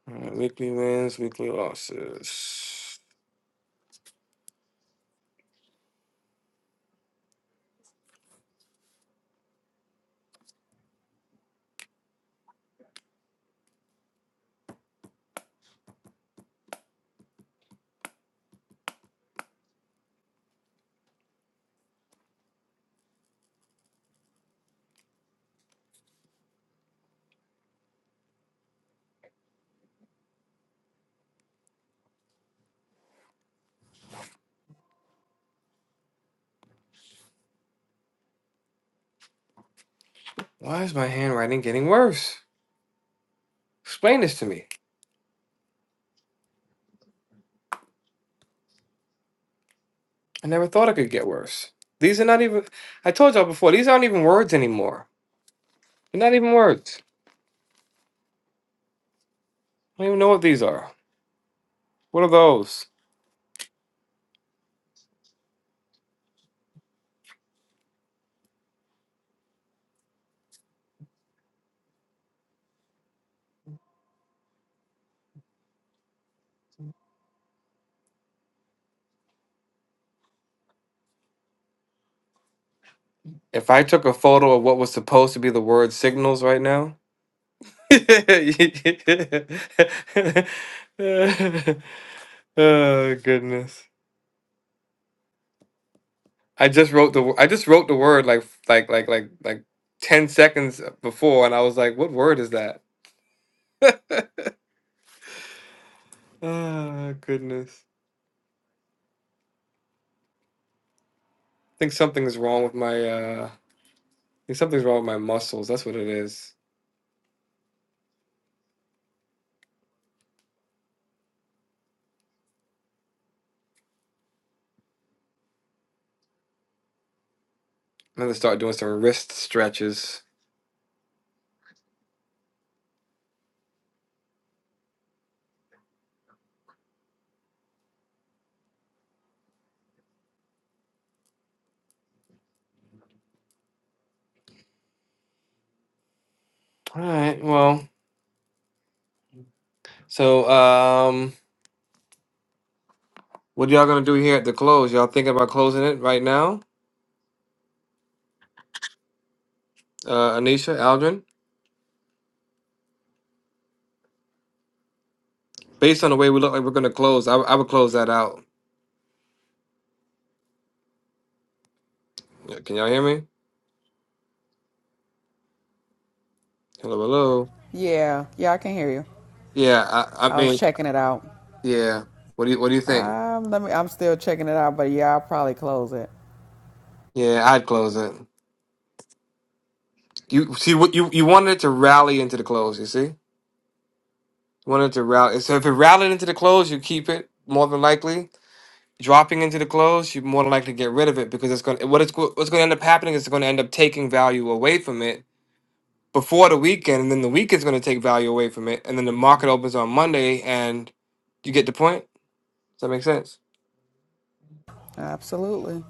all right, weekly wins, weekly losses. Why is my handwriting getting worse? Explain this to me. I never thought it could get worse. These are not even, I told y'all before, these aren't even words anymore. They're not even words. I don't even know what these are. What are those? If I took a photo of what was supposed to be the word signals right now. oh goodness. I just wrote the wo- I just wrote the word like like like like like 10 seconds before and I was like what word is that? Oh goodness. think something's wrong with my uh I think something's wrong with my muscles. That's what it is. I'm gonna start doing some wrist stretches. Alright, well. So um what y'all gonna do here at the close? Y'all thinking about closing it right now? Uh Anisha, Aldrin? Based on the way we look like we're gonna close, I, I would close that out. Yeah, Can y'all hear me? Hello, hello. yeah, yeah, I can hear you. Yeah, I, I I was mean checking it out. yeah. What do you what do you think? Um, let me. I'm still checking it out, but yeah, I'll probably close it. Yeah, I'd close it. You see what you you wanted it to rally into the close, you see? wanted to route it, so if it routed into the clothes you keep it more than likely dropping into the clothes you're more than likely to get rid of it because it's going to what it's go- what's going to end up happening is it's going to end up taking value away from it before the weekend and then the weekend's going to take value away from it and then the market opens on monday and you get the point does that make sense Absolutely.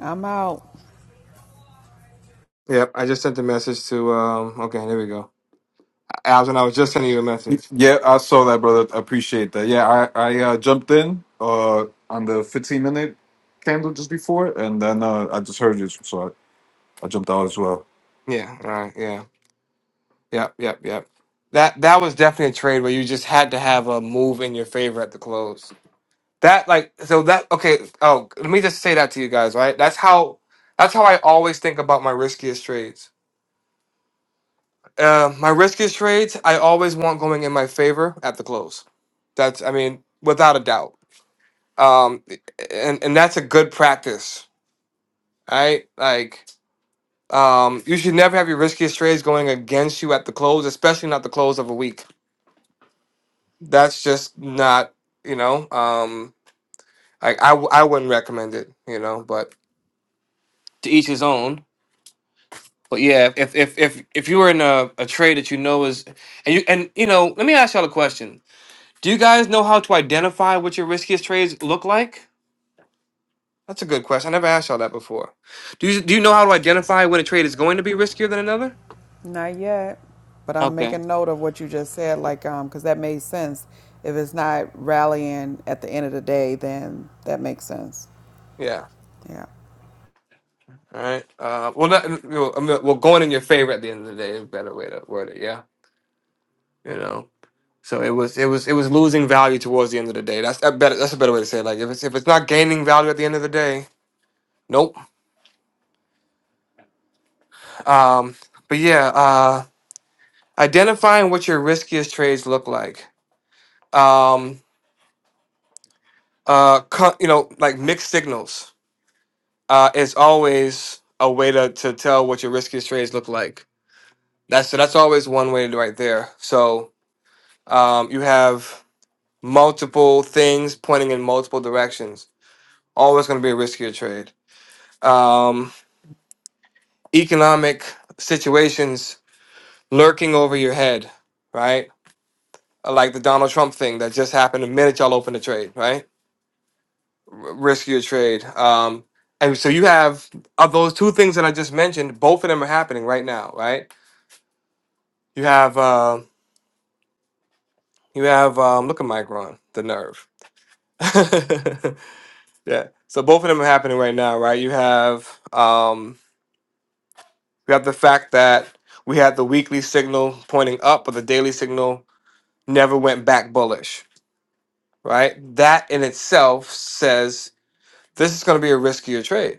I'm out. yep i just sent the message to um okay there we go Alvin, i was just sending you a message Yeah, I saw that, brother. I appreciate that. Yeah, I I uh, jumped in uh on the 15 minute candle just before, and then uh, I just heard you, so I, I jumped out as well. yeah all right yeah yep yep yep that that was definitely a trade where you just had to have a move in your favor at the close That like so that okay. Oh, let me just say that to you guys, right? That's how that's how I always think about my riskiest trades. Uh, my riskiest trades, I always want going in my favor at the close. That's I mean, without a doubt. Um, and and that's a good practice, right? Like, um, you should never have your riskiest trades going against you at the close, especially not the close of a week. That's just not you know. Um, like I I wouldn't recommend it, you know, but to each his own But yeah, if if if if you were in a, a trade that you know is and you and you know, let me ask y'all a question. Do you guys know how to identify what your riskiest trades look like? That's a good question. I never asked y'all that before. Do you do you know how to identify when a trade is going to be riskier than another? Not yet. But I'm Okay. making note of what you just said, like, um, because that made sense. If it's not rallying at the end of the day, then that makes sense. Yeah. Yeah. All right. Uh, well, not you know, I mean, well, going in your favor at the end of the day is a better way to word it. Yeah. You know. So it was it was it was losing value towards the end of the day. That's that better. That's a better way to say it. Like if it's if it's not gaining value at the end of the day, nope. Um, but yeah, uh, identifying what your riskiest trades look like. Um, uh, co- you know, like mixed signals uh, is always a way to, to tell what your riskiest trades look like. That's so that's always one way to right there. So um, you have multiple things pointing in multiple directions. Always going to be a riskier trade. Um, economic situations lurking over your head, right? uh, like the Donald Trump thing that just happened the minute y'all opened the trade, right? R- risk your trade. Um, and so you have of those two things that I just mentioned, both of them are happening right now, right? You have uh, you have um, look at Micron, the nerve. yeah. So both of them are happening right now, right? You have um, you have the fact that we had the weekly signal pointing up, but the daily signal never went back bullish, right? That in itself says this is going to be a riskier trade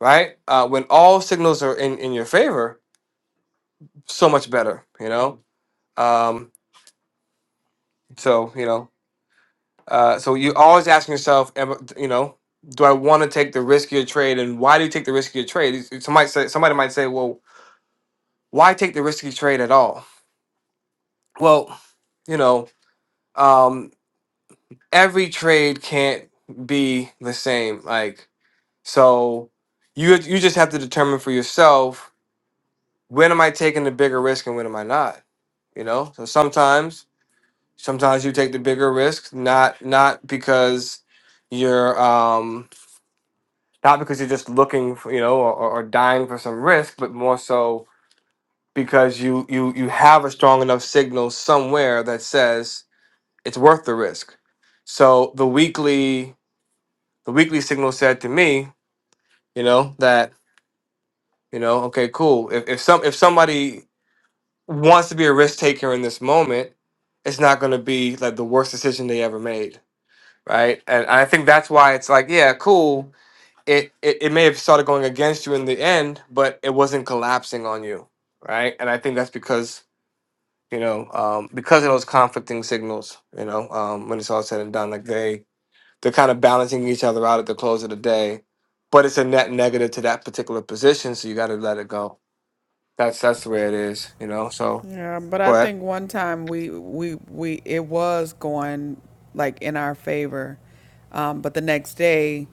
right? Uh, when all signals are in, in your favor, so much better, you know. Um, so you know, uh, so you always asking yourself, am I- you know, do I want to take the riskier trade, and why do you take the riskier trade? It's- it's- Somebody say, somebody might say, well, why take the risky trade at all? Well, you know, um, every trade can't be the same. Like so, you you just have to determine for yourself when am I taking the bigger risk and when am I not. You know, so sometimes Sometimes you take the bigger risk, not not because you're um not because you're just looking for you know or, or or dying for some risk, but more so because you you you have a strong enough signal somewhere that says it's worth the risk. So the weekly the weekly signal said to me, you know, that you know, okay, cool. If if some if somebody wants to be a risk taker in this moment, it's not going to be like the worst decision they ever made right? And I think that's why it's like, yeah, cool. It, it it may have started going against you in the end, but it wasn't collapsing on you, right? And I think that's because you know um, because of those conflicting signals, you know, um, when it's all said and done, like they they're kind of balancing each other out at the close of the day, but it's a net negative to that particular position, so you got to let it go. That's that's the way it is, you know. So Yeah, but I go ahead. think one time we we we it was going like in our favor, um, but the next day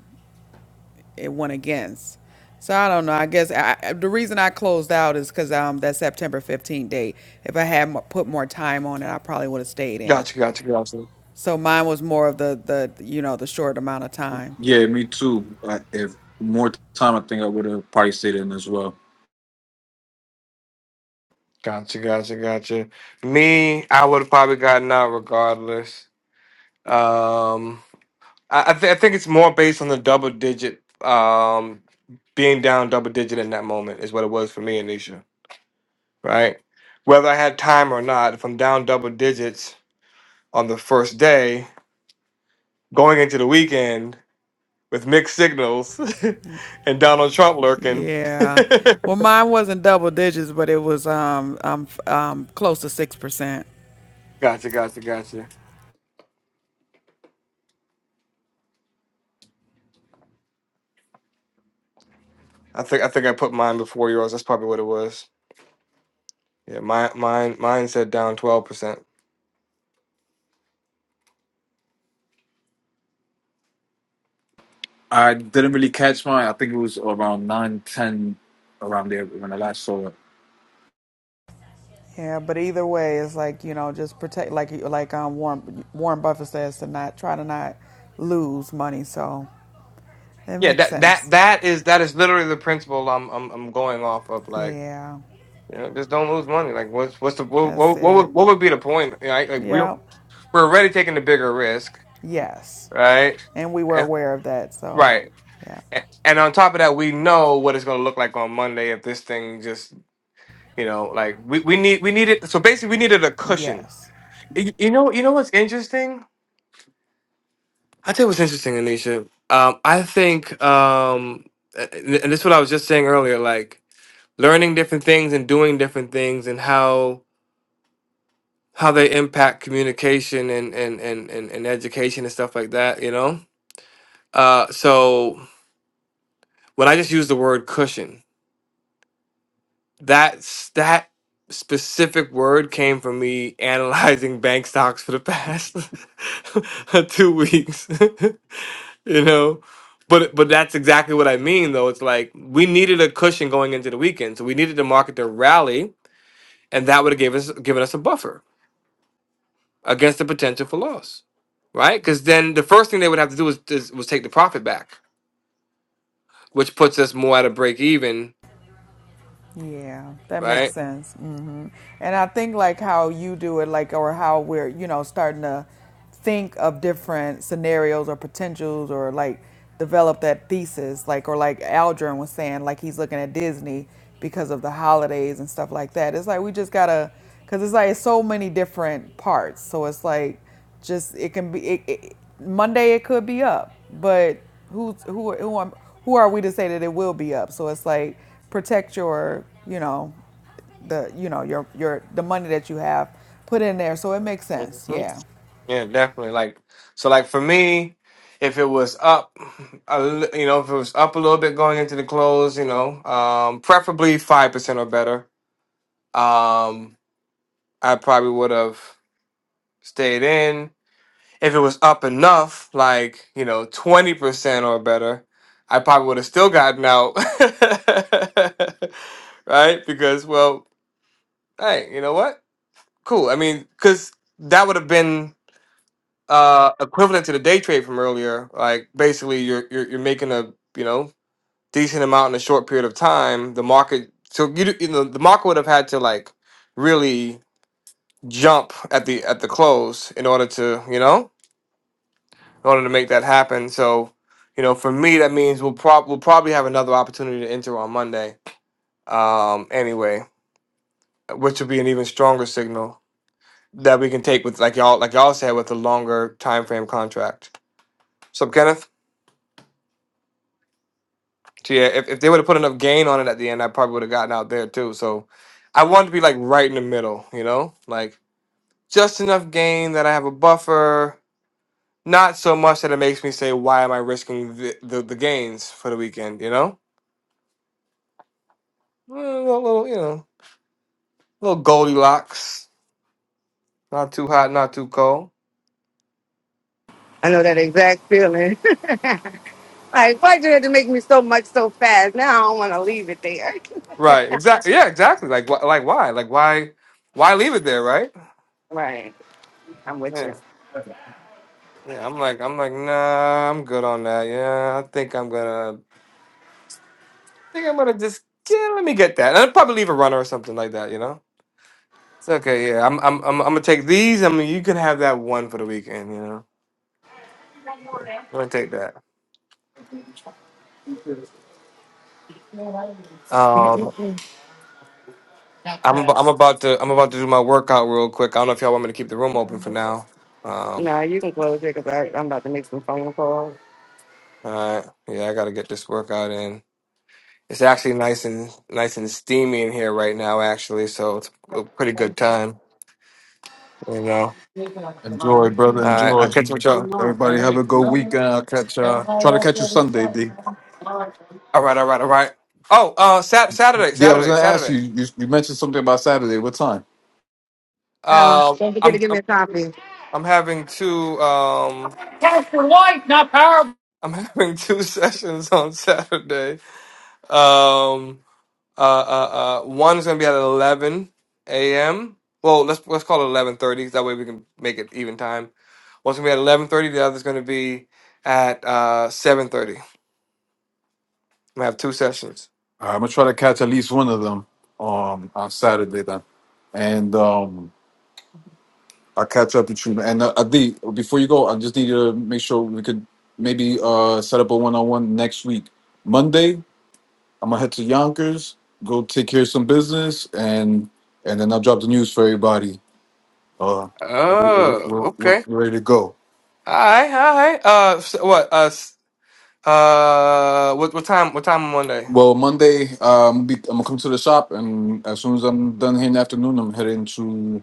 it went against. So I don't know. I guess I, I- the reason I closed out is because um that September 15th date. If I had mo- put more time on it, I probably would have stayed in. Gotcha, gotcha, gotcha, So mine was more of the, the you know, the short amount of time. Yeah, me too. I, if more time, I think I would have probably stayed in as well. gotcha, gotcha, gotcha. Me, I would have probably gotten out regardless. Um, I I, th- I think it's more based on the double digit, um, being down double digit in that moment is what it was for me, Anisha. Right? Whether I had time or not, if I'm down double digits on the first day, going into the weekend with mixed signals, and Donald Trump lurking. Yeah. Well, mine wasn't double digits, but it was um, um, f- um, close to 6%. gotcha, gotcha, gotcha. I think I think I put mine before yours. That's probably what it was. Yeah, mine mine mine said down 12%. I didn't really catch mine. I think it was around nine, ten, around there when I last saw it. Yeah, but either way, it's like, you know, just protect, like like um, Warren, Warren Buffett says, to not try to not lose money. So it Yeah, makes that that sense. that is that is literally the principle I'm I'm I'm going off of. Like, Yeah, you know, just don't lose money. Like, what's what's the what that's what what would, it. what would be the point? Right? Like, like we we're Yeah, we're already taking the bigger risk, yes. right? And we were And, aware of that. So, right. yeah, A- And on top of that, we know what it's going to look like on Monday if this thing just, you know, like we, we need we needed. So basically, we needed a cushion. yes. You, you know, you know what's interesting? I tell you what's interesting, Anisha. Um, I think, um, a- and this is what I was just saying earlier. Like. learning different things and doing different things and how how they impact communication and and and and, and education and stuff like that you know uh so when i just use the word cushion that's that specific word came from me analyzing bank stocks for the past two weeks you know but but that's exactly what i mean though it's like we needed a cushion going into the weekend so we needed the market to rally and that would have given us given us a buffer against the potential for loss, right? Because then the first thing they would have to do is, is was take the profit back, which puts us more at a break even, Yeah, that makes right? sense. hmm And I think like how you do it, like or how we're you know starting to think of different scenarios or potentials or like develop that thesis, like or like Aldrin was saying, like he's looking at Disney because of the holidays and stuff like that. It's like we just gotta, cause it's like so many different parts. So it's like just it can be it, it, Monday it could be up, but who's who who are, who are we to say that it will be up? So it's like protect your you know the you know your your the money that you have put in there so it makes sense. hmm Yeah. Yeah, definitely. Like so, like for me, if it was up, a, li- you know, if it was up a little bit going into the close, you know, um, preferably five percent or better, um, I probably would have stayed in If it was up enough, like, you know, 20% or better, I probably would have still gotten out. right? Because, well, hey, you know what? Cool. I mean, because that would have been uh equivalent to the day trade from earlier. Like, basically, you're, you're, you're making a, you know, decent amount in a short period of time. The market, so you, d- you know, the market would have had to, like, really jump at the at the close in order to you know in order to make that happen. So, you know, for me, that means we'll, prob- we'll probably have another opportunity to enter on Monday. Um, anyway, which would be an even stronger signal that we can take with, like y'all, like y'all said, with a longer time frame contract. So, Kenneth, so yeah, if, if they would have put enough gain on it at the end, I probably would have gotten out there too. So, I wanted to be like right in the middle, you know, like just enough gain that I have a buffer. Not so much that it makes me say, "Why am I risking the, the, the gains for the weekend?" You know. Eh, Well, Little, little, you know, little Goldilocks. Not too hot, not too cold. I know that exact feeling. like, why'd you have to make me so much so fast? Now I don't want to leave it there. Right. Exactly. Yeah. Exactly. Like, wh- like why? Like why? Why leave it there? Right. Right. I'm with Yeah. you. Yeah. I'm like, I'm like, nah. I'm good on that. Yeah. I think I'm gonna. think I'm gonna just. Yeah. Let me get that. And I'll probably leave a runner or something like that. You know. It's okay. Yeah. I'm. I'm. I'm. I'm gonna take these. I mean, you can have that one for the weekend. You know. I'm gonna take that. Um. I'm. About, I'm about to. I'm about to do my workout real quick. I don't know if y'all want me to keep the room open for now. Um. No, you can close it because I'm about to make some phone calls. All right. Yeah, I gotta get this workout in. It's actually nice and nice and steamy in here right now, actually, so it's a pretty good time, you know. Enjoy, brother. All right, I'll Enjoy. catch you with y'all. Hello. Everybody have a good weekend. I'll catch uh try to catch you Sunday, D. All right, all right, all right. Oh, uh, Sat Saturday, Yeah, I was Saturday, gonna ask Saturday. you, you you mentioned something about Saturday. What time? Um, Don't forget I'm to give me I'm a copy. I'm having two um I'm having two sessions on Saturday. Um, Uh, uh, uh, one is gonna be at eleven a.m. Well, let's let's call it eleven thirty. That way we can make it even time. One's gonna be at eleven thirty. The other's gonna be at uh seven thirty. We have two sessions. All right, I'm gonna try to catch at least one of them um on Saturday then. And um I'll catch up with you. And uh, D, before you go, I just need you to make sure we could maybe uh set up a one on one next week. Monday? I'm gonna head to Yonkers, go take care of some business, and and then I'll drop the news for everybody. Uh, we- we- Oh, we're, we're okay. ready to go. All right, all right. Uh, s what? Uh, s- uh, what? What time? What time on Monday? Well, Monday, um, be, I'm gonna come to the shop, and as soon as I'm done here in the afternoon, I'm heading to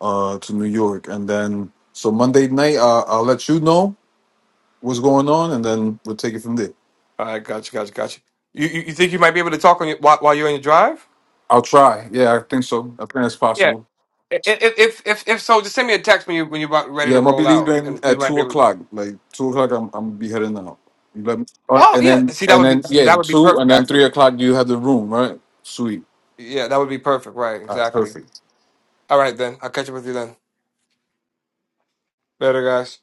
uh to New York, and then so Monday night, uh, I'll let you know what's going on, and then we'll take it from there. All right, gotcha, gotcha, gotcha. You, you you think you might be able to talk on your while, while you're on your drive? I'll try. Yeah, I think so. I think that's Yeah. possible. If if if if so, just send me a text when you when you're about ready Yeah, to I'm gonna be roll out, leaving and we at might be two able. o'clock. Like two o'clock, I'm I'm gonna be heading out. You let me, Oh and yeah. then See, that and would be then yeah, that would be two perfect and then three actually. o'clock. You have the room, right? Sweet. Yeah, that would be perfect. Right, All right, exactly. perfect. All right then. I'll catch up with you then. Later, guys.